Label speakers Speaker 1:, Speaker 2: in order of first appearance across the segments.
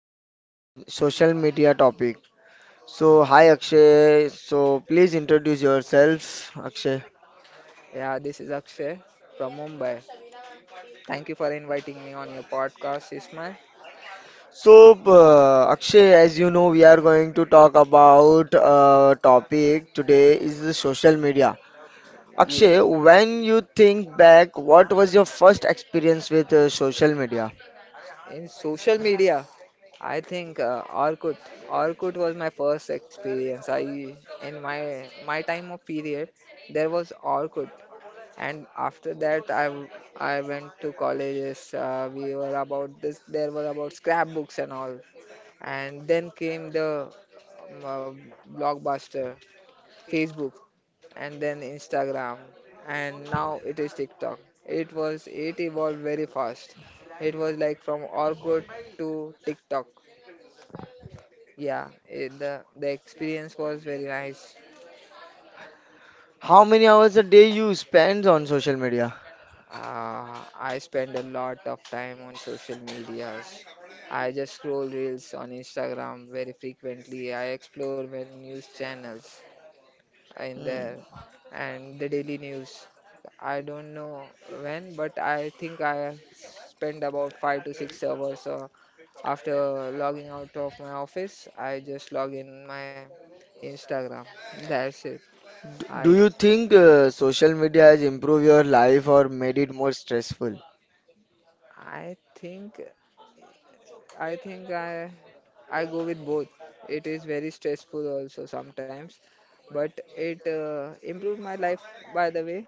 Speaker 1: about social media topic. So hi Akshay. So please introduce yourself, Akshay.
Speaker 2: Yeah, this is Akshay from Mumbai. Thank you for inviting me on your podcast, Ismail.
Speaker 1: So Akshay, as you know, we are going to talk about topic today is the social media.
Speaker 2: Ye-
Speaker 1: Akshay, when you think back, what was your first experience with social media?
Speaker 2: In social media, I think Orkut. Orkut was my first experience. I in my my time of period, there was Orkut, and after that, I went to colleges. We were about this. There were about scrapbooks and all. And then came the um, uh, blockbuster Facebook, and then Instagram, and now it is TikTok. It was it evolved very fast. It was like from Orkut to TikTok. Yeah, the experience was very nice.
Speaker 1: How many hours a day you spend on social media?
Speaker 2: I spend a lot of time on social medias. I just scroll reels on Instagram very frequently. I explore many news channels in there
Speaker 1: Mm.
Speaker 2: and the daily news. I don't know when, but I think I spent about 5 to 6 hours. So after logging out of my office, I just log in my Instagram. That's it.
Speaker 1: Do
Speaker 2: I
Speaker 1: you think social media has improved your life or made it more stressful?
Speaker 2: I think I think I go with both. It is very stressful also sometimes, but it improved my life, by the way.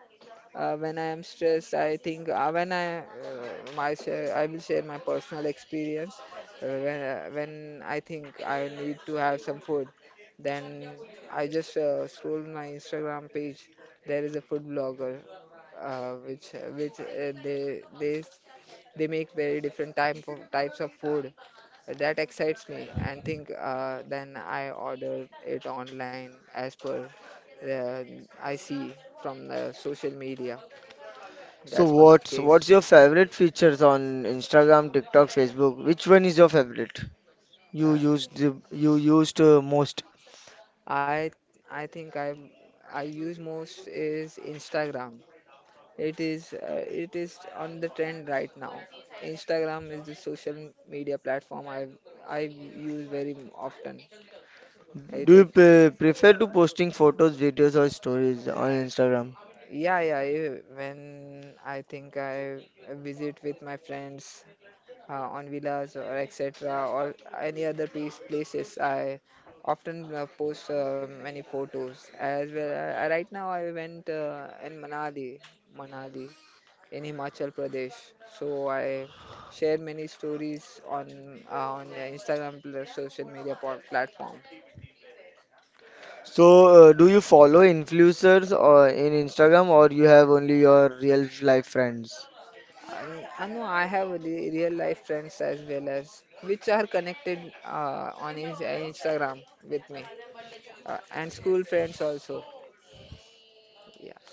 Speaker 2: When I am stressed, I think when I my share, I will share my personal experience. When I think I need to have some food, then I just scroll my Instagram page. There is a food blogger, which they make very different types of food that excites me, and think, then I order it online as per the I see from the social media.
Speaker 1: So
Speaker 2: That's one of
Speaker 1: what's
Speaker 2: case.
Speaker 1: what's your favorite features on Instagram, TikTok, Facebook? Which one is your favorite? You
Speaker 2: Uh,
Speaker 1: used you used most.
Speaker 2: I I think I use most is Instagram. It is on the trend right now. Instagram is the social media platform I use very often.
Speaker 1: Do
Speaker 2: It
Speaker 1: you
Speaker 2: is.
Speaker 1: prefer to posting photos, videos, or stories on Instagram?
Speaker 2: Yeah, yeah. When I think I visit with my friends on villas or etc. or any other places. I often post many photos as well. Right now, I went in Manali, in Himachal Pradesh. So I share many stories on Instagram plus social media platform.
Speaker 1: So do you follow influencers or in Instagram, or you have only your real life friends?
Speaker 2: And I know I have real life friends, as well as which are connected on Instagram with me, and school friends also. Yes.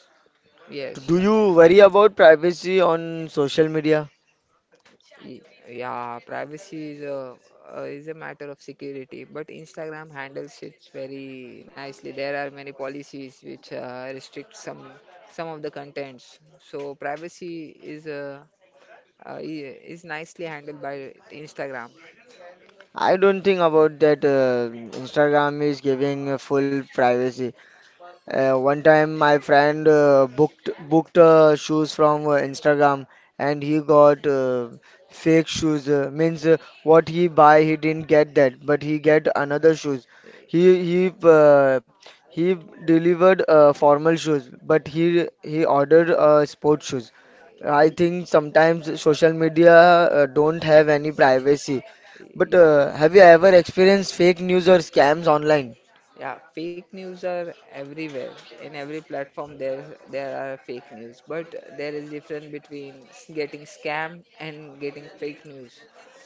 Speaker 2: Yes.
Speaker 1: Do you worry about privacy on social media?
Speaker 2: Y- yeah, privacy is a matter of security, but Instagram handles it very nicely. There are many policies which restrict some of the contents, so privacy is nicely handled by Instagram.
Speaker 1: I don't think about that. Instagram is giving a full privacy. One time, my friend booked shoes from Instagram, and he got fake shoes. Means, what he buy, he didn't get that, but he get another shoes. He he uh, he delivered formal shoes, but he ordered sports shoes. I think sometimes social media don't have any privacy. But have you ever experienced fake news or scams online?
Speaker 2: Yeah, fake news are everywhere. In every platform, there are fake news, but there is difference between getting scammed and getting fake news.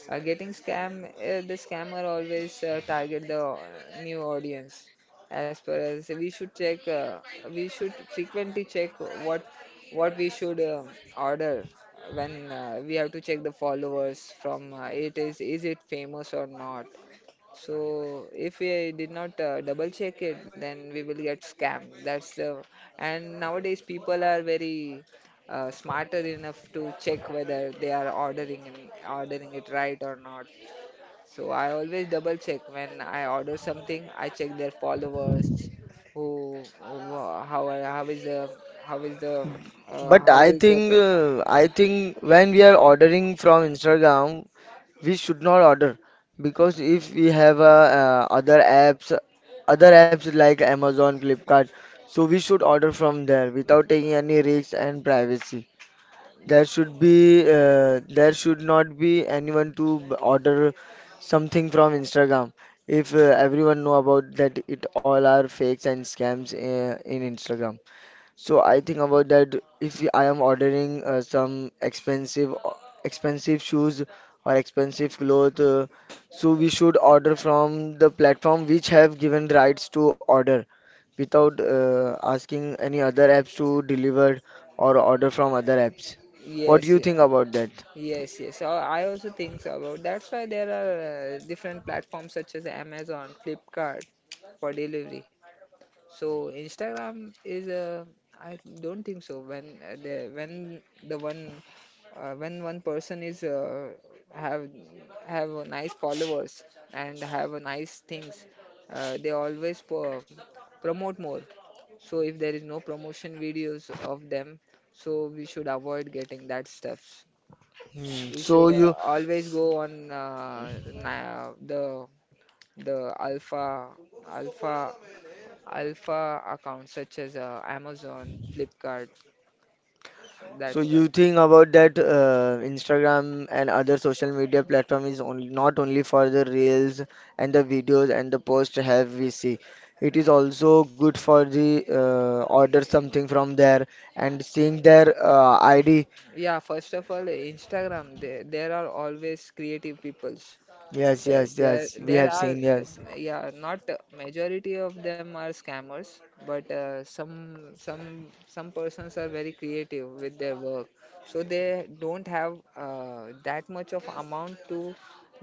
Speaker 2: The scammer always target the new audience. As per as we should check, we should frequently check what what we should order, when we have to check the followers from it. Is it famous or not? So if we did not double check it, then we will get scammed. That's the. And nowadays people are very smarter enough to check whether they are ordering it right or not. So I always double check when I order something. I check their followers. Who how are- how is the how is the
Speaker 1: But
Speaker 2: how
Speaker 1: I
Speaker 2: is their
Speaker 1: think
Speaker 2: profile.
Speaker 1: uh, I think when we are ordering from Instagram, we should not order because if we have other apps like Amazon, Flipkart, so we should order from there without taking any risks and privacy. There
Speaker 2: Y-
Speaker 1: should be uh, there should not be anyone to order something from Instagram if everyone know about that it all are fakes and scams in Instagram. So I think about that if I am ordering some expensive shoes or expensive clothes, so we should order from the platform which have given rights to order without asking any other apps to deliver or order from other apps. What do
Speaker 2: Yes.
Speaker 1: you think about that?
Speaker 2: Yes, yes. So I also think so about that's why there are different platforms such as Amazon, Flipkart, for delivery. So Instagram is. I don't think so, when the when the one when one person is have have a nice followers and have a nice things, they always promote more. So if there is no promotion videos of them, so we should avoid getting that stuff.
Speaker 1: Hmm.
Speaker 2: We
Speaker 1: So
Speaker 2: should
Speaker 1: you
Speaker 2: always go on the alpha alpha accounts such as Amazon, Flipkart.
Speaker 1: So
Speaker 2: That's why.
Speaker 1: you think about that Instagram and other social media platform is only not only for the reels and the videos and the post have we see. It is also good for the order something from there and seeing their ID.
Speaker 2: Yeah, first of all, Instagram, there are always creative peoples.
Speaker 1: Yes, yes, yes. We
Speaker 2: There
Speaker 1: have
Speaker 2: are,
Speaker 1: seen yes.
Speaker 2: yeah, not majority of them are scammers, but some persons are very creative with their work, so they don't have that much of amount to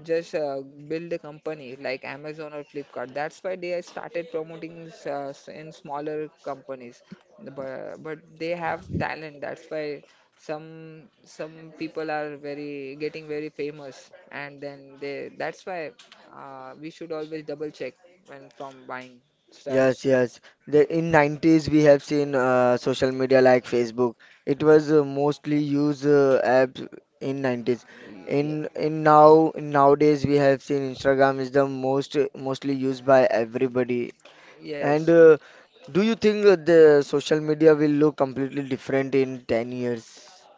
Speaker 2: just build a company like Amazon or Flipkart. That's why they started promoting in smaller companies. But they have talent. That's why some people are very getting very famous, and then they that's why we should always double check when from buying stuffs.
Speaker 1: Yes, yes. The in 90s we have seen social media like Facebook. It was mostly used app in 90s.
Speaker 2: Ye-
Speaker 1: In now in nowadays we have seen Instagram is the most mostly used by everybody.
Speaker 2: yes,
Speaker 1: And do you think the social media will look completely different in 10 years?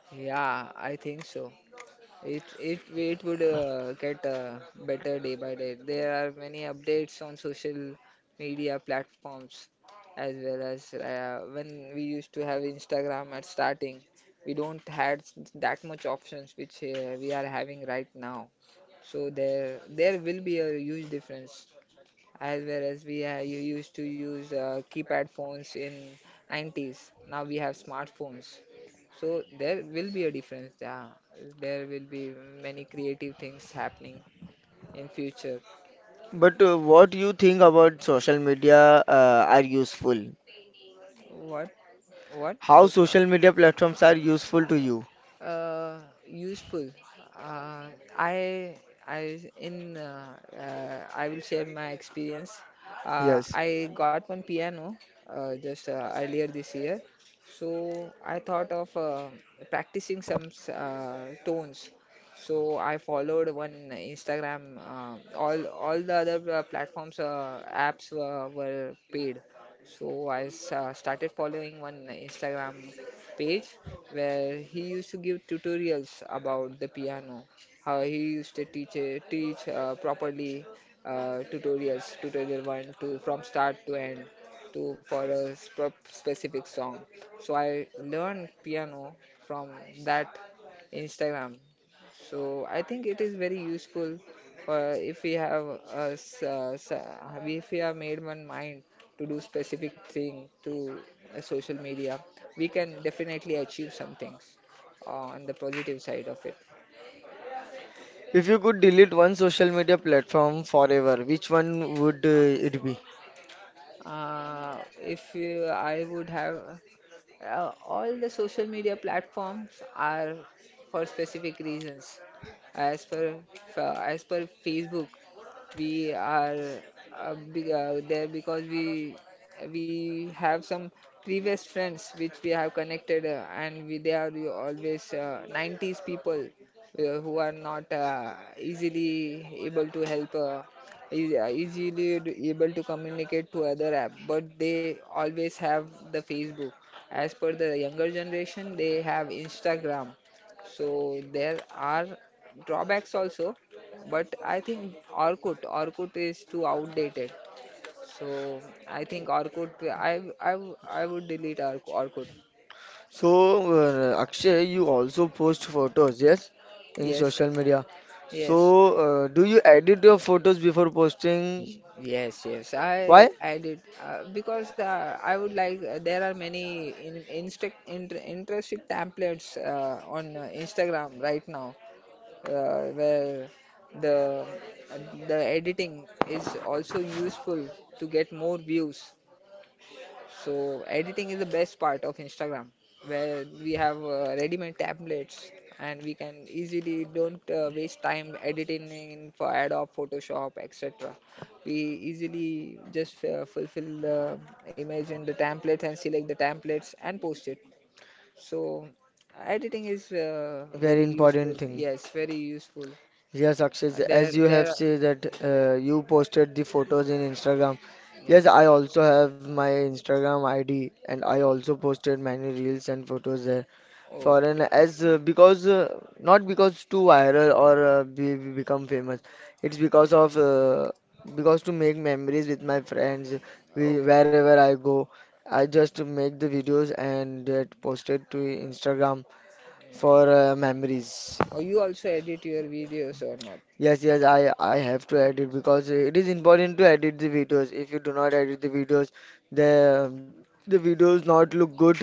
Speaker 2: yeah, I think so. It would get better day by day. There are many updates on social media platforms, as well as when we used to have Instagram at starting, we don't had that much options which we are having right now. So there will be a huge difference, as well as we ha you used to use keypad phones in 90s. Now we have smartphones. So there will be a difference. Yeah, there will be many creative things happening in future.
Speaker 1: But what do you think about social media are useful?
Speaker 2: What? What?
Speaker 1: How social media platforms are useful to you?
Speaker 2: uh, Useful. Uh, I I will share my experience.
Speaker 1: Yes.
Speaker 2: I got one piano, just earlier this year, so I thought of practicing some tones. So I followed one Instagram. All the other platforms apps were paid, so I started following one Instagram page where he used to give tutorials about the piano, how he used to teach properly. Uh, tutorials, tutorial one, two, from start to end, to for a sp specific song. So I learned piano from that Instagram. So I think it is very useful. For if we have a s- s- If we have made one mind to do specific thing through social media, we can definitely achieve some things on the positive side of it.
Speaker 1: If you could delete one social media platform forever, which one would it be?
Speaker 2: If you, I would have. All the social media platforms are for specific reasons. As per as per Facebook, we are there because we have some previous friends which we have connected, they are you always 90s people who are not easily able to help, easily able to communicate to other app, but they always have the Facebook. As per the younger generation, they have Instagram. So there are drawbacks also. But I think Orkut is too outdated. So I think Orkut. I would delete Orkut.
Speaker 1: So, Akshay, you also post photos, yes, in
Speaker 2: Yes,
Speaker 1: social media. So,
Speaker 2: yes,
Speaker 1: do you edit your photos before posting?
Speaker 2: yes, yes. I
Speaker 1: Why?
Speaker 2: I did, because I would like, there are many interesting templates on Instagram right now, where the the editing is also useful to get more views. So editing is the best part of Instagram, where we have ready-made templates, and we can easily don't waste time editing in for Adobe, Photoshop, etc. We easily just fulfill the image in the template and select the templates and post it. So editing is
Speaker 1: Very
Speaker 2: very
Speaker 1: important
Speaker 2: useful.
Speaker 1: thing.
Speaker 2: Yes, very useful.
Speaker 1: Yes, Akshay,
Speaker 2: Uh, There,
Speaker 1: as you
Speaker 2: there.
Speaker 1: have
Speaker 2: are-
Speaker 1: said that you posted the photos in Instagram.
Speaker 2: Yeah.
Speaker 1: Yes, I also have my Instagram ID and I also posted many reels and photos there.
Speaker 2: Oh,
Speaker 1: Foreign
Speaker 2: okay.
Speaker 1: as because not because too viral or become famous. It's because of because to make memories with my friends. We
Speaker 2: Okay.
Speaker 1: wherever I go, I just make the videos and get posted to Instagram
Speaker 2: Yeah.
Speaker 1: for memories.
Speaker 2: Oh, you also edit your videos or not?
Speaker 1: Yes, yes, I have to edit because it is important to edit the videos. If you do not edit the the videos not look good,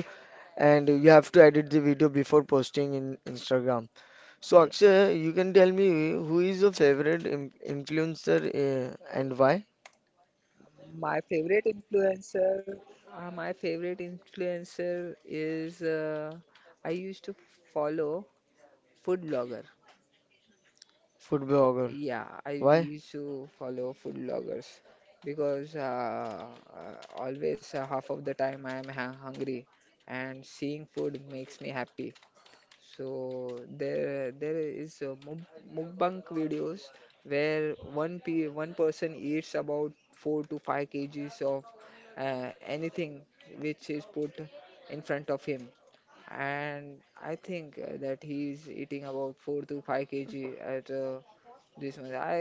Speaker 1: and you have to edit the video before posting in Instagram. So
Speaker 2: Yeah.
Speaker 1: Akshay, you can tell me who is your favorite influencer and why?
Speaker 2: My favorite influencer, my favorite influencer is, I used to follow food blogger.
Speaker 1: Food blogger.
Speaker 2: Yeah, I
Speaker 1: Why?
Speaker 2: used to follow food bloggers because always half of the time I am ha hungry, and seeing food makes me happy. So there is mukbang videos where one person eats about 4 to 5 kgs of anything which is put in front of him, and I think that he's eating about 4 to 5 kg at this much. I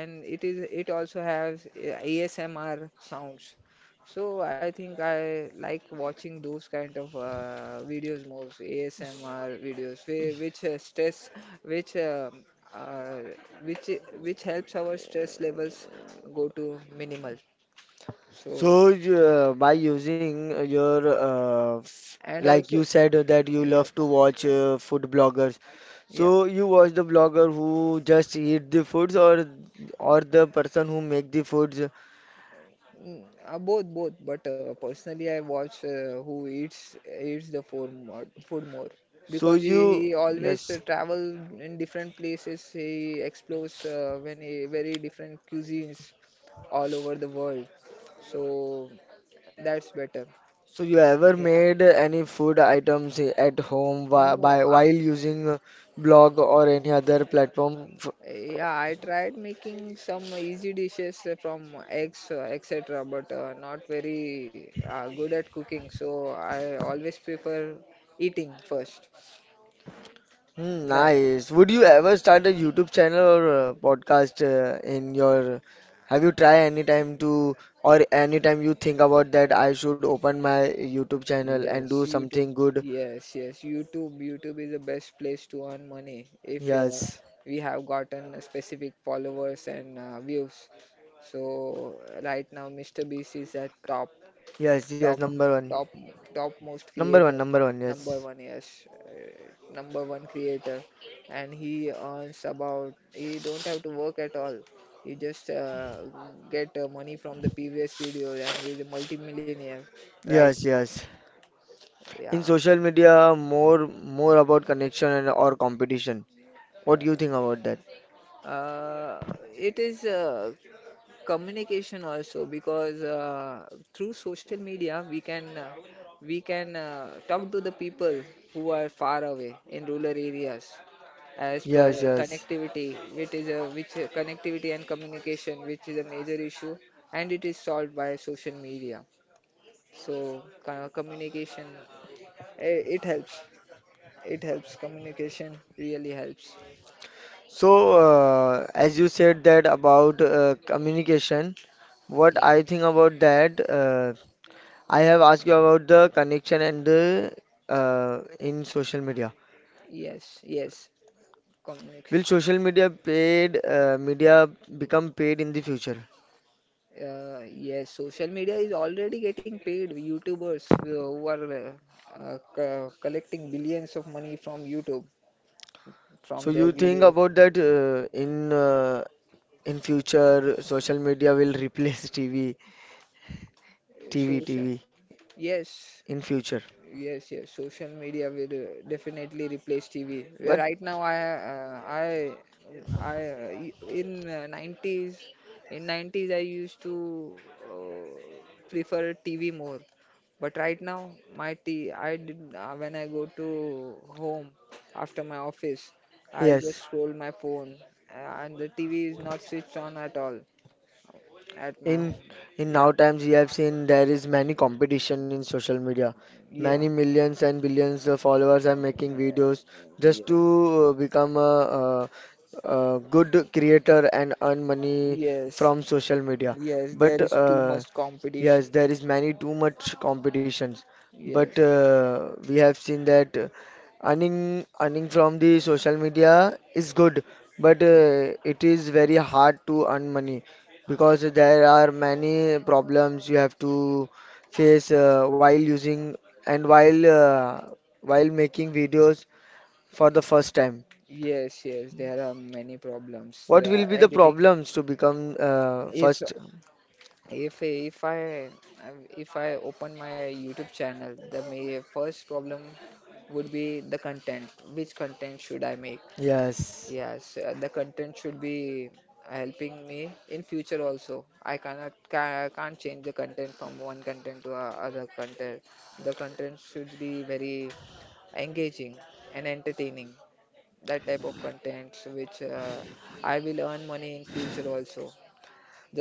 Speaker 2: and it also has ASMR sounds. So I think I like watching those kind of videos most. ASMR videos which stress which uh, uh, which which helps our stress levels go to minimal. So,
Speaker 1: So you, by using your
Speaker 2: and
Speaker 1: like you
Speaker 2: also.
Speaker 1: said that you
Speaker 2: Yeah,
Speaker 1: love to watch food bloggers.
Speaker 2: yeah.
Speaker 1: So you watch the blogger who just eat the foods or the person who make the foods.
Speaker 2: Mm, both. But personally, I watch who eats the food more, food more.
Speaker 1: So
Speaker 2: Because
Speaker 1: you
Speaker 2: he always
Speaker 1: yes.
Speaker 2: travel in different places. He explores very different cuisines all over the world. So that's better.
Speaker 1: So you ever
Speaker 2: Yeah.
Speaker 1: made any food items at home
Speaker 2: No,
Speaker 1: by while using a blog or any other platform? F-
Speaker 2: yeah. I tried making some easy dishes from eggs, etc. But not very good at cooking. So I always prefer eating first.
Speaker 1: Hmm,
Speaker 2: That.
Speaker 1: nice. Would you ever start a YouTube channel or a podcast in your? Have you tried any time to or any time you think about that I should open my YouTube channel and
Speaker 2: Yes,
Speaker 1: do
Speaker 2: YouTube.
Speaker 1: something good?
Speaker 2: Yes, yes, YouTube. YouTube is the best place to earn money if
Speaker 1: Yes,
Speaker 2: we have gotten specific followers and views. So right now, Mr. Beast is at top,
Speaker 1: yes, yes.
Speaker 2: top,
Speaker 1: Number one,
Speaker 2: top, top most
Speaker 1: number one,
Speaker 2: creator,
Speaker 1: number one.
Speaker 2: number
Speaker 1: Yes,
Speaker 2: one. Yes, number one creator, and he earns about. He don't have to work at all. He just get money from the previous videos, and he is a multi-millionaire right
Speaker 1: yes,
Speaker 2: now.
Speaker 1: yes. In
Speaker 2: Yeah.
Speaker 1: social media, more about connection and or competition. What do you
Speaker 2: Yeah.
Speaker 1: think about that?
Speaker 2: Uh, it is communication also because through social media we can talk to the people who are far away in rural areas as per
Speaker 1: Yes, yes.
Speaker 2: connectivity, which is a which connectivity and communication which is a major issue, and it is solved by social media. So communication, it helps. It helps communication, really helps.
Speaker 1: So, as you said that about communication, what
Speaker 2: Yeah.
Speaker 1: I think about that, I have asked you about the connection and the in social media.
Speaker 2: Yes, yes.
Speaker 1: Will
Speaker 2: Communication.
Speaker 1: social media paid media become paid in the future?
Speaker 2: Yes, social media is already getting paid. YouTubers who are collecting billions of money from YouTube
Speaker 1: So
Speaker 2: from their
Speaker 1: you think
Speaker 2: videos.
Speaker 1: about that in future social media will replace TV, TV,
Speaker 2: Social.
Speaker 1: TV
Speaker 2: Yes.
Speaker 1: in future.
Speaker 2: Yes, yes. Social media will definitely replace TV. Yeah.
Speaker 1: But
Speaker 2: Right now, in in 90s, I used to uh, prefer TV more. But right now, my t, I did when I go to home after my office, I
Speaker 1: yes.
Speaker 2: just scroll my phone, and the TV is not switched on at all at my
Speaker 1: in
Speaker 2: home.
Speaker 1: in
Speaker 2: Yeah,
Speaker 1: now times we have seen there is many competition in social media
Speaker 2: yeah,
Speaker 1: many millions and billions of followers are making videos just
Speaker 2: yeah.
Speaker 1: to become a good creator and earn money
Speaker 2: Yes.
Speaker 1: from social media
Speaker 2: Yes, there
Speaker 1: but
Speaker 2: is too much competition.
Speaker 1: yes there is many too much competitions but
Speaker 2: Yes.
Speaker 1: we have seen that earning from the social media is good but it is very hard to earn money because there are many problems you have to face while using and while making videos for the first time.
Speaker 2: Yes, yes, there are many problems.
Speaker 1: What will be the
Speaker 2: Editing.
Speaker 1: problems to become
Speaker 2: If
Speaker 1: first?
Speaker 2: if if I if I open my YouTube channel, the may first problem would be the content. Which content should I make?
Speaker 1: Yes.
Speaker 2: Yes, the content should be helping me in future also. I cannot ca can't change the content from one content to other content. The content should be very engaging and entertaining, that type of contents which I will earn money in future also,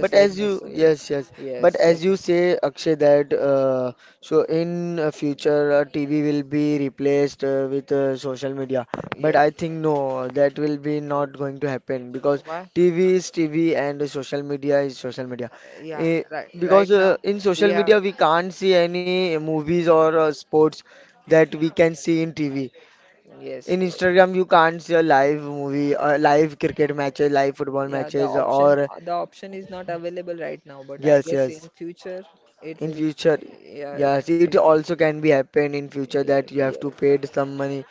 Speaker 1: But
Speaker 2: like
Speaker 1: as you,
Speaker 2: Mr. Will.
Speaker 1: yes, yes. But
Speaker 2: Yes,
Speaker 1: as
Speaker 2: just.
Speaker 1: you say, Akshay, that so in future TV will be replaced with social media. But I
Speaker 2: Yes.
Speaker 1: think no, that will be not going to happen because
Speaker 2: Why?
Speaker 1: TV is TV and social media is social media.
Speaker 2: Yeah,
Speaker 1: Eh,
Speaker 2: right
Speaker 1: because
Speaker 2: now
Speaker 1: in
Speaker 2: we
Speaker 1: social
Speaker 2: have.
Speaker 1: media we can't see any movies or sports that we can see in TV.
Speaker 2: Yes.
Speaker 1: In Instagram you can't see a live movie, live cricket matches, live football
Speaker 2: Yeah, the
Speaker 1: matches,
Speaker 2: option
Speaker 1: or
Speaker 2: the option is not available right now, but I
Speaker 1: yes,
Speaker 2: guess in
Speaker 1: yes.
Speaker 2: future it
Speaker 1: In
Speaker 2: will.
Speaker 1: future,
Speaker 2: Yeah, in
Speaker 1: yes, it
Speaker 2: future.
Speaker 1: also can be happen in future
Speaker 2: Yeah,
Speaker 1: that you have to
Speaker 2: yeah.
Speaker 1: pay some money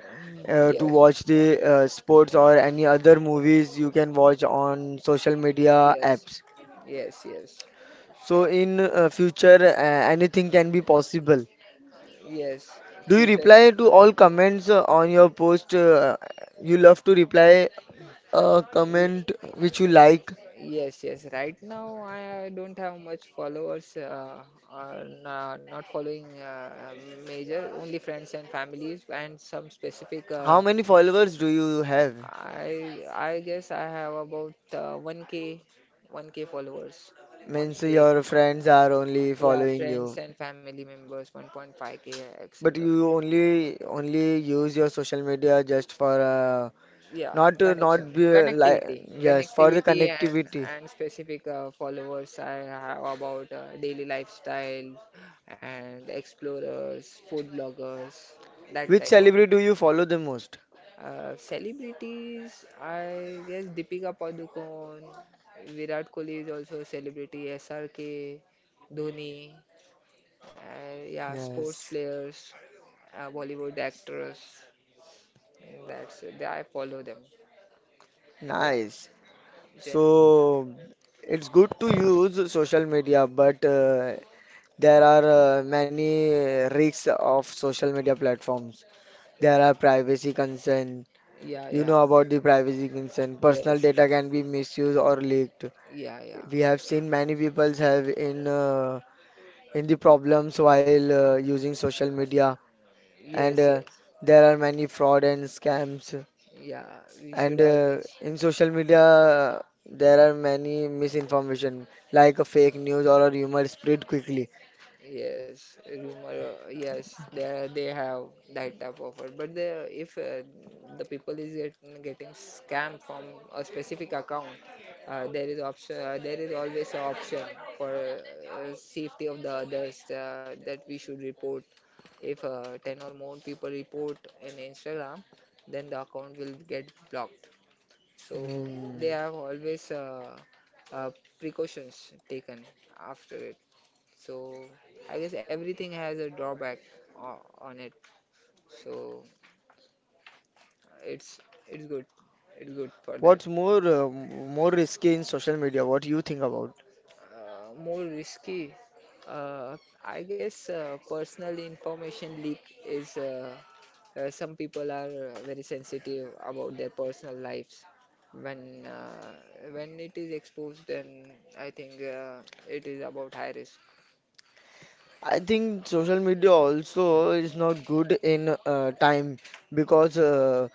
Speaker 2: Mm.
Speaker 1: to watch the sports or any other movies you can watch on social media
Speaker 2: Yes,
Speaker 1: apps.
Speaker 2: yes, yes, yes.
Speaker 1: So
Speaker 2: Sure.
Speaker 1: in future, anything can be possible.
Speaker 2: Yes,
Speaker 1: Do you
Speaker 2: future.
Speaker 1: reply to all comments on your post? You love to reply a
Speaker 2: Ye-
Speaker 1: comment which you like.
Speaker 2: Yes, yes. Right now, I don't have much followers. Not following major, only friends and families, and some specific.
Speaker 1: How
Speaker 2: Uh,
Speaker 1: many followers do you have?
Speaker 2: I I guess I have about 1K, 1K followers,
Speaker 1: Means
Speaker 2: 1K.
Speaker 1: your friends are only
Speaker 2: Yeah,
Speaker 1: following
Speaker 2: friends
Speaker 1: you.
Speaker 2: and family members, 1.5k,
Speaker 1: But
Speaker 2: etc.
Speaker 1: you only use your social media just for
Speaker 2: Yeah,
Speaker 1: not to
Speaker 2: connection,
Speaker 1: not be like
Speaker 2: connectivity,
Speaker 1: yes for the
Speaker 2: and
Speaker 1: connectivity.
Speaker 2: specific followers I have about daily lifestyle and explorers, food bloggers, that
Speaker 1: Which
Speaker 2: type of.
Speaker 1: celebrity do you follow the most?
Speaker 2: Celebrities. I guess Deepika Padukone, Virat Kohli is also a celebrity. SRK, Dhoni, yeah, sports
Speaker 1: Yes,
Speaker 2: players, Bollywood actors. And that's it. I follow them. Yeah.
Speaker 1: nice.
Speaker 2: Gen.
Speaker 1: So it's good to use social media, but there are many risks of social media platforms. There are privacy concern.
Speaker 2: Yeah,
Speaker 1: You
Speaker 2: yeah.
Speaker 1: know about the privacy concern. Personal
Speaker 2: Yes.
Speaker 1: data can be misused or leaked.
Speaker 2: Yeah, yeah.
Speaker 1: We have seen many people have in the problems while using social media, and
Speaker 2: Yes, yes.
Speaker 1: there are many fraud and scams.
Speaker 2: Yeah. We should
Speaker 1: And uh,
Speaker 2: always.
Speaker 1: in social media, uh, there are many misinformation like a fake news or a rumor spread quickly.
Speaker 2: Yes, rumor. Yes, they have that type of it. But the if the people is getting scam from a specific account, there is option. There is always an option for safety of the others that we should report. If 10 or more people report in Instagram, then the account will get blocked. So
Speaker 1: Hmm.
Speaker 2: they have always uh, precautions taken after it. So I guess everything has a drawback on it. So it's it's good. It's good for that.
Speaker 1: What's more risky in social media? What you think about?
Speaker 2: More risky. Uh, I guess personal information leak is. Some people are very sensitive about their personal lives. When uh, when it is exposed, then I think it is about high risk.
Speaker 1: I think social media also is not good in time because uh,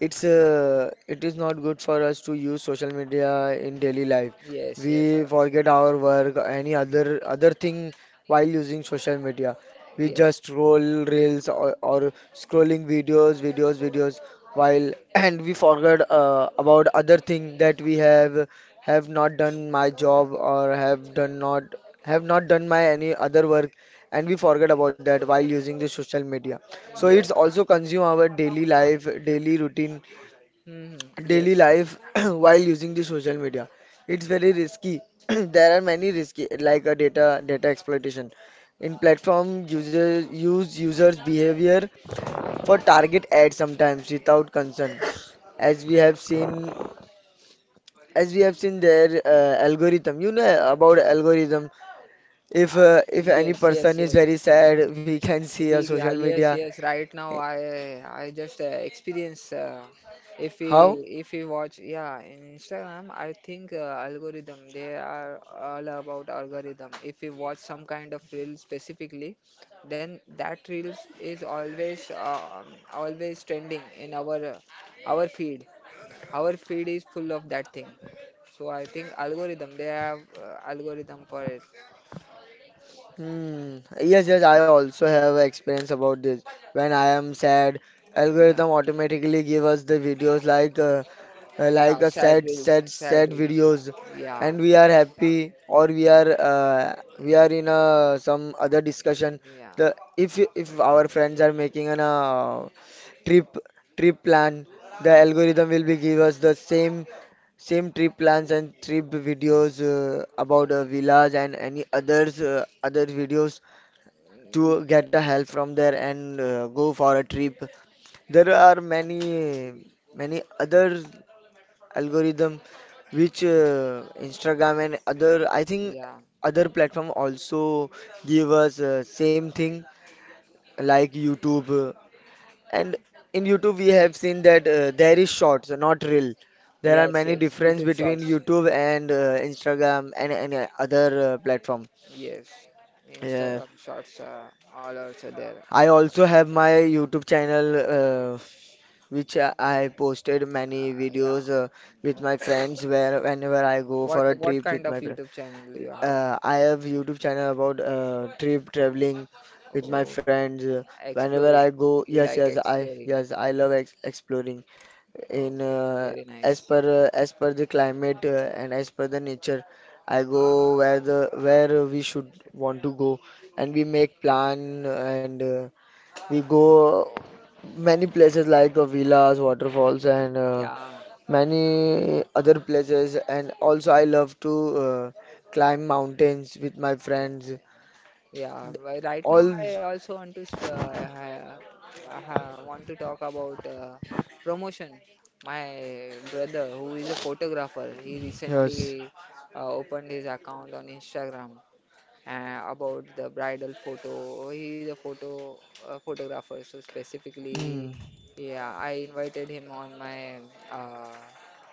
Speaker 1: it's uh, it is not good for us to use social media in daily life.
Speaker 2: Yes, yes,
Speaker 1: We forget our work, any other thing while using social media. We
Speaker 2: yes.
Speaker 1: just scroll reels, or scrolling videos while and we forget about other thing that we have not done my job or have done not have not done my any other work and we forget about that while using the social media, so
Speaker 2: Yes.
Speaker 1: it's also consume our daily life daily routine
Speaker 2: Hmm.
Speaker 1: daily
Speaker 2: Yes.
Speaker 1: life while using the social media. It's very risky. There are many risky like a data exploitation in platform users use users behavior for target ads sometimes without concern, as we have seen, as we have seen their algorithm. You know about algorithm. If
Speaker 2: Uh,
Speaker 1: if any
Speaker 2: yes. Yes.
Speaker 1: person is
Speaker 2: Yes.
Speaker 1: very sad, we can see a
Speaker 2: We
Speaker 1: social
Speaker 2: Yes,
Speaker 1: media.
Speaker 2: yes, right now I just experience. If we
Speaker 1: How?
Speaker 2: if we watch, yeah, in Instagram, I think algorithm, they are all about algorithm. If we watch some kind of reel specifically, then that reels is always always trending in our feed. Our feed is full of that thing. So I think algorithm, they have algorithm for it.
Speaker 1: Hmm. Yes, yes, I also have experience about this. When I am sad, algorithm automatically give us the videos
Speaker 2: Yeah,
Speaker 1: like a
Speaker 2: sad
Speaker 1: sad,
Speaker 2: reels,
Speaker 1: sad,
Speaker 2: sad
Speaker 1: sad
Speaker 2: reels.
Speaker 1: videos,
Speaker 2: Yeah.
Speaker 1: and we are happy or we are in a some other discussion.
Speaker 2: Yeah.
Speaker 1: The if our friends are making an trip trip plan, the algorithm will be give us the same Same trip plans and trip videos about villas and any others other videos to
Speaker 2: Y-
Speaker 1: get a help from there and go for a trip. There are many other algorithm which Instagram and other, I think,
Speaker 2: Yeah.
Speaker 1: other platform also give us same thing like YouTube. And in YouTube, we have seen that there is shorts, not real. There are
Speaker 2: Yes,
Speaker 1: many
Speaker 2: yes.
Speaker 1: difference
Speaker 2: YouTube
Speaker 1: between
Speaker 2: Shorts.
Speaker 1: YouTube and Instagram and any other platform.
Speaker 2: Yes.
Speaker 1: Uh,
Speaker 2: Instagram Shorts all also there.
Speaker 1: I also have my YouTube channel, which I posted many
Speaker 2: Yeah.
Speaker 1: videos with my friends where whenever I go for a
Speaker 2: What
Speaker 1: trip
Speaker 2: kind
Speaker 1: with
Speaker 2: of
Speaker 1: my friend.
Speaker 2: YouTube channel you have?
Speaker 1: I have YouTube channel about trip traveling with my
Speaker 2: Oh,
Speaker 1: friends. Whenever I
Speaker 2: exploring.
Speaker 1: go,
Speaker 2: You
Speaker 1: yes,
Speaker 2: like exploring.
Speaker 1: yes, I love ex exploring. In
Speaker 2: Okay, very
Speaker 1: As
Speaker 2: nice.
Speaker 1: per as per the climate and as per the nature, I go where the where we should want to go, and we make plan, and we go many places like villas, waterfalls, and
Speaker 2: Yeah,
Speaker 1: many other places, and also I love to uh, climb mountains with my
Speaker 2: yeah,
Speaker 1: friends
Speaker 2: yeah. Yeah. Right now,
Speaker 1: all
Speaker 2: I also want to want to talk about promotion. My brother, who is a photographer, he
Speaker 1: yes.
Speaker 2: recently opened his account on Instagram, about the bridal photo. He's a photographer, so specifically
Speaker 1: Hmm.
Speaker 2: yeah, I invited him on my uh,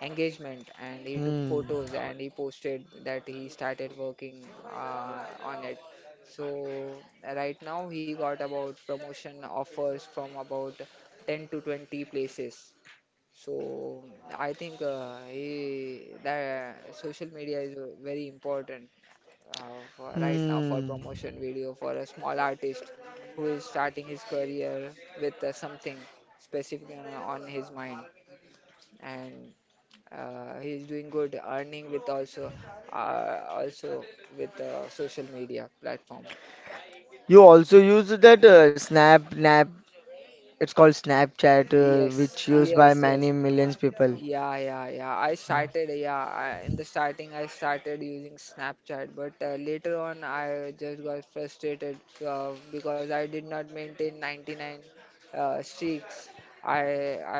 Speaker 2: engagement, and he took
Speaker 1: Hmm.
Speaker 2: photos and he posted that he started working on it. So right now he got about promotion offers from about 10 to 20 places. So I think that social media is very important for right now, for
Speaker 1: Hmm.
Speaker 2: promotion video for a small artist who is starting his career with something specific on his mind, and he is doing good earning with also, uh, also with social media platform.
Speaker 1: You also use that snap nap It's called Snapchat,
Speaker 2: Yes,
Speaker 1: which used by
Speaker 2: yes, yes.
Speaker 1: many millions people.
Speaker 2: Yeah, yeah, yeah. I started, yeah. In the starting, I started using Snapchat, but later on, I just got frustrated because I did not maintain 99 streaks. I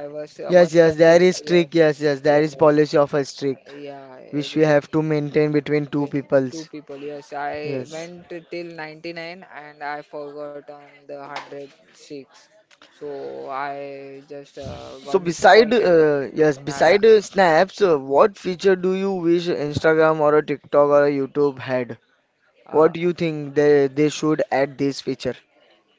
Speaker 2: I was
Speaker 1: Yes,
Speaker 2: once
Speaker 1: yes, there
Speaker 2: counted.
Speaker 1: is
Speaker 2: Yeah,
Speaker 1: trick. Yes, yes, there is
Speaker 2: yes,
Speaker 1: policy of a trick
Speaker 2: yeah,
Speaker 1: which
Speaker 2: rather
Speaker 1: we
Speaker 2: than
Speaker 1: have to maintain between two
Speaker 2: doing two
Speaker 1: peoples.
Speaker 2: people. Yes, I
Speaker 1: Yes.
Speaker 2: went till 99 and I forgot on the 100 streaks, so I just
Speaker 1: So
Speaker 2: got
Speaker 1: beside
Speaker 2: disappointed.
Speaker 1: yes,
Speaker 2: I,
Speaker 1: beside snaps, what feature do you wish Instagram or a TikTok or a YouTube had?
Speaker 2: uh,
Speaker 1: What do you think they should add this feature?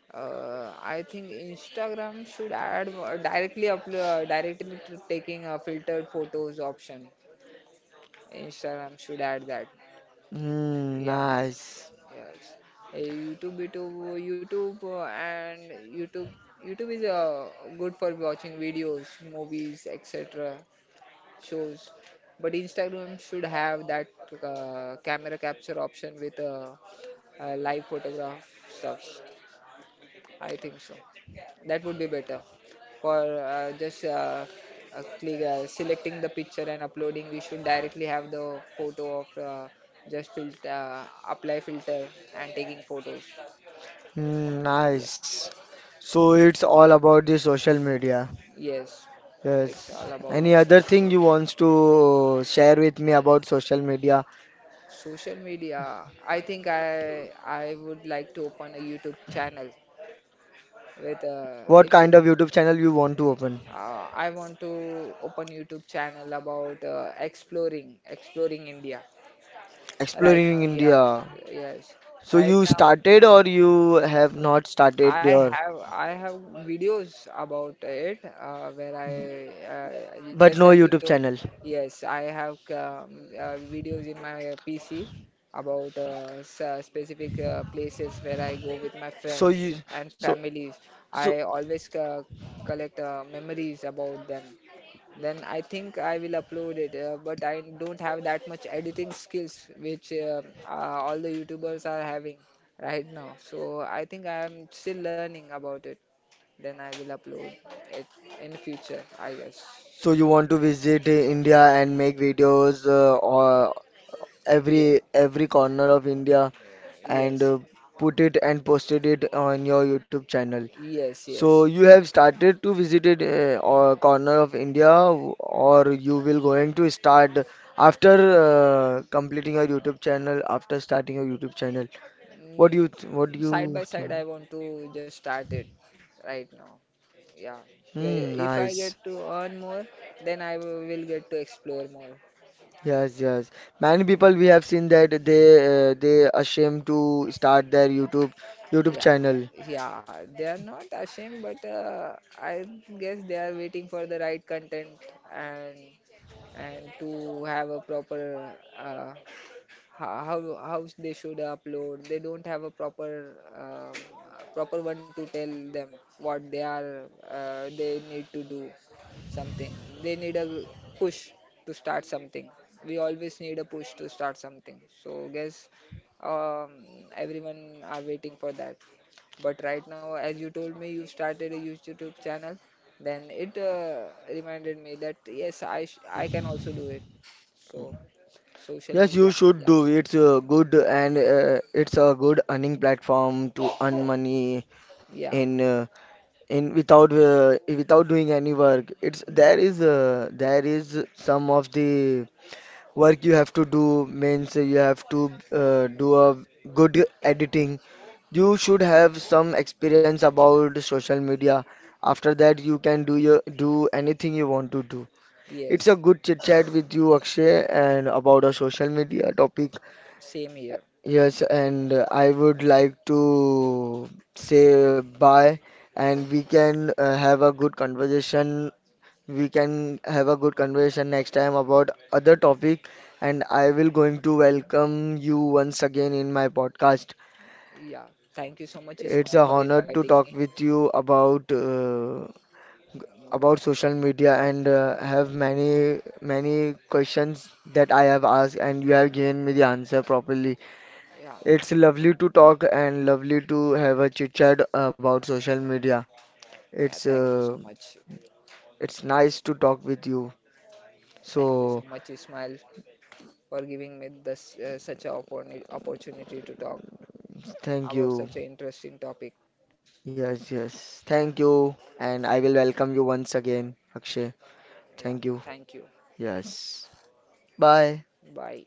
Speaker 2: I think Instagram should add more-, directly upload directly to taking a filtered photos option. Instagram should add that.
Speaker 1: Hmm,
Speaker 2: Yeah,
Speaker 1: nice.
Speaker 2: yes. Uh, YouTube, YouTube, YouTube, uh, and YouTube, YouTube is good for watching videos, movies, etc. shows. But Instagram should have that camera capture option with live photograph stuffs. I think so. That would be better for selecting the picture and uploading. We should directly have the photo of just filter, apply filter, and taking photos.
Speaker 1: Hmm,
Speaker 2: Yes,
Speaker 1: nice. So it's all about the social media.
Speaker 2: yes. It's
Speaker 1: Yes.
Speaker 2: all about the
Speaker 1: Any other
Speaker 2: social media.
Speaker 1: thing you wants to share with me about social media?
Speaker 2: Social media, I think I would like to open a YouTube channel with,
Speaker 1: What
Speaker 2: if
Speaker 1: kind of YouTube channel you want to open?
Speaker 2: I want to open YouTube channel about exploring India. Right now.
Speaker 1: Exploring
Speaker 2: Yeah,
Speaker 1: India.
Speaker 2: yes.
Speaker 1: So
Speaker 2: Right
Speaker 1: you
Speaker 2: now,
Speaker 1: started or you have not started
Speaker 2: i
Speaker 1: your
Speaker 2: have i have videos about it, where I
Speaker 1: but
Speaker 2: just
Speaker 1: no
Speaker 2: as you
Speaker 1: YouTube
Speaker 2: do.
Speaker 1: channel.
Speaker 2: Yes, I have videos in my PC about specific places where I go with my
Speaker 1: So
Speaker 2: friends
Speaker 1: you,
Speaker 2: and
Speaker 1: so
Speaker 2: families.
Speaker 1: so
Speaker 2: I always collect memories about them. Then I think I will upload it. But I don't have that much editing skills, which all the YouTubers are having right now. So I think I am still learning about it. Then I will upload it in future, I guess.
Speaker 1: so you want to visit India and make videos or
Speaker 2: Yeah.
Speaker 1: every corner of India and
Speaker 2: Yes.
Speaker 1: uh, put it and posted it on your YouTube channel.
Speaker 2: Yes.
Speaker 1: So
Speaker 2: Yes.
Speaker 1: you have started to visited a or corner of India, w- or you will going to start after completing your YouTube channel, after starting your YouTube channel.
Speaker 2: Mm.
Speaker 1: What do you
Speaker 2: Side by side,
Speaker 1: think?
Speaker 2: I want to just start it right now. Yeah. So,
Speaker 1: Hmm,
Speaker 2: if I get
Speaker 1: nice.
Speaker 2: to earn more, then I will get to explore more.
Speaker 1: Yes, yes. Many people we have seen that they ashamed to start their YouTube
Speaker 2: Yeah,
Speaker 1: channel.
Speaker 2: yeah, they are not ashamed, but I guess they are waiting for the right content, and to have a proper, how they should upload. They don't have a proper proper one to tell them what they need to do something. They need a push to start something. We always need a push to start something. So, guess um, everyone are waiting for that. But right now, as you told me, you started a YouTube channel, then it reminded me that yes, I can also do it. So social
Speaker 1: Yes, you
Speaker 2: media,
Speaker 1: should do.
Speaker 2: yes.
Speaker 1: It's a good and it's a good earning platform to earn money
Speaker 2: Yeah,
Speaker 1: in uh, in without without doing any work. It's there is some of the work you have to do, means you have to do a good editing. You should have some experience about social media. After that you can do anything you want to do. It's a
Speaker 2: yes.
Speaker 1: good chit chat with you, Akshay, and about a social media topic.
Speaker 2: Same here.
Speaker 1: Yes, and I would like to say bye, and we can have a good conversation. We can have a good conversation next time about other topic, and I will going to welcome you once again in my podcast.
Speaker 2: Yeah, thank you so much,
Speaker 1: It's
Speaker 2: Ismail,
Speaker 1: a
Speaker 2: for
Speaker 1: honor to
Speaker 2: inviting
Speaker 1: talk
Speaker 2: me.
Speaker 1: with you about social media and have many many questions that I have asked, and you have given me the answer properly.
Speaker 2: Yeah,
Speaker 1: It's lovely to talk and lovely to have a chit chat about social media.
Speaker 2: yeah,
Speaker 1: It's
Speaker 2: thank you so
Speaker 1: uh,
Speaker 2: much.
Speaker 1: it's nice to talk with you.
Speaker 2: Thank you so
Speaker 1: So
Speaker 2: much, Ismail, for giving me this such an opportunity to talk
Speaker 1: thank
Speaker 2: about
Speaker 1: you.
Speaker 2: such an interesting topic.
Speaker 1: Yes, yes. Thank you. And I
Speaker 2: Thank
Speaker 1: will welcome you once again, Akshay.
Speaker 2: Yeah,
Speaker 1: Thank you.
Speaker 2: thank you.
Speaker 1: Yes. Bye.
Speaker 2: Bye.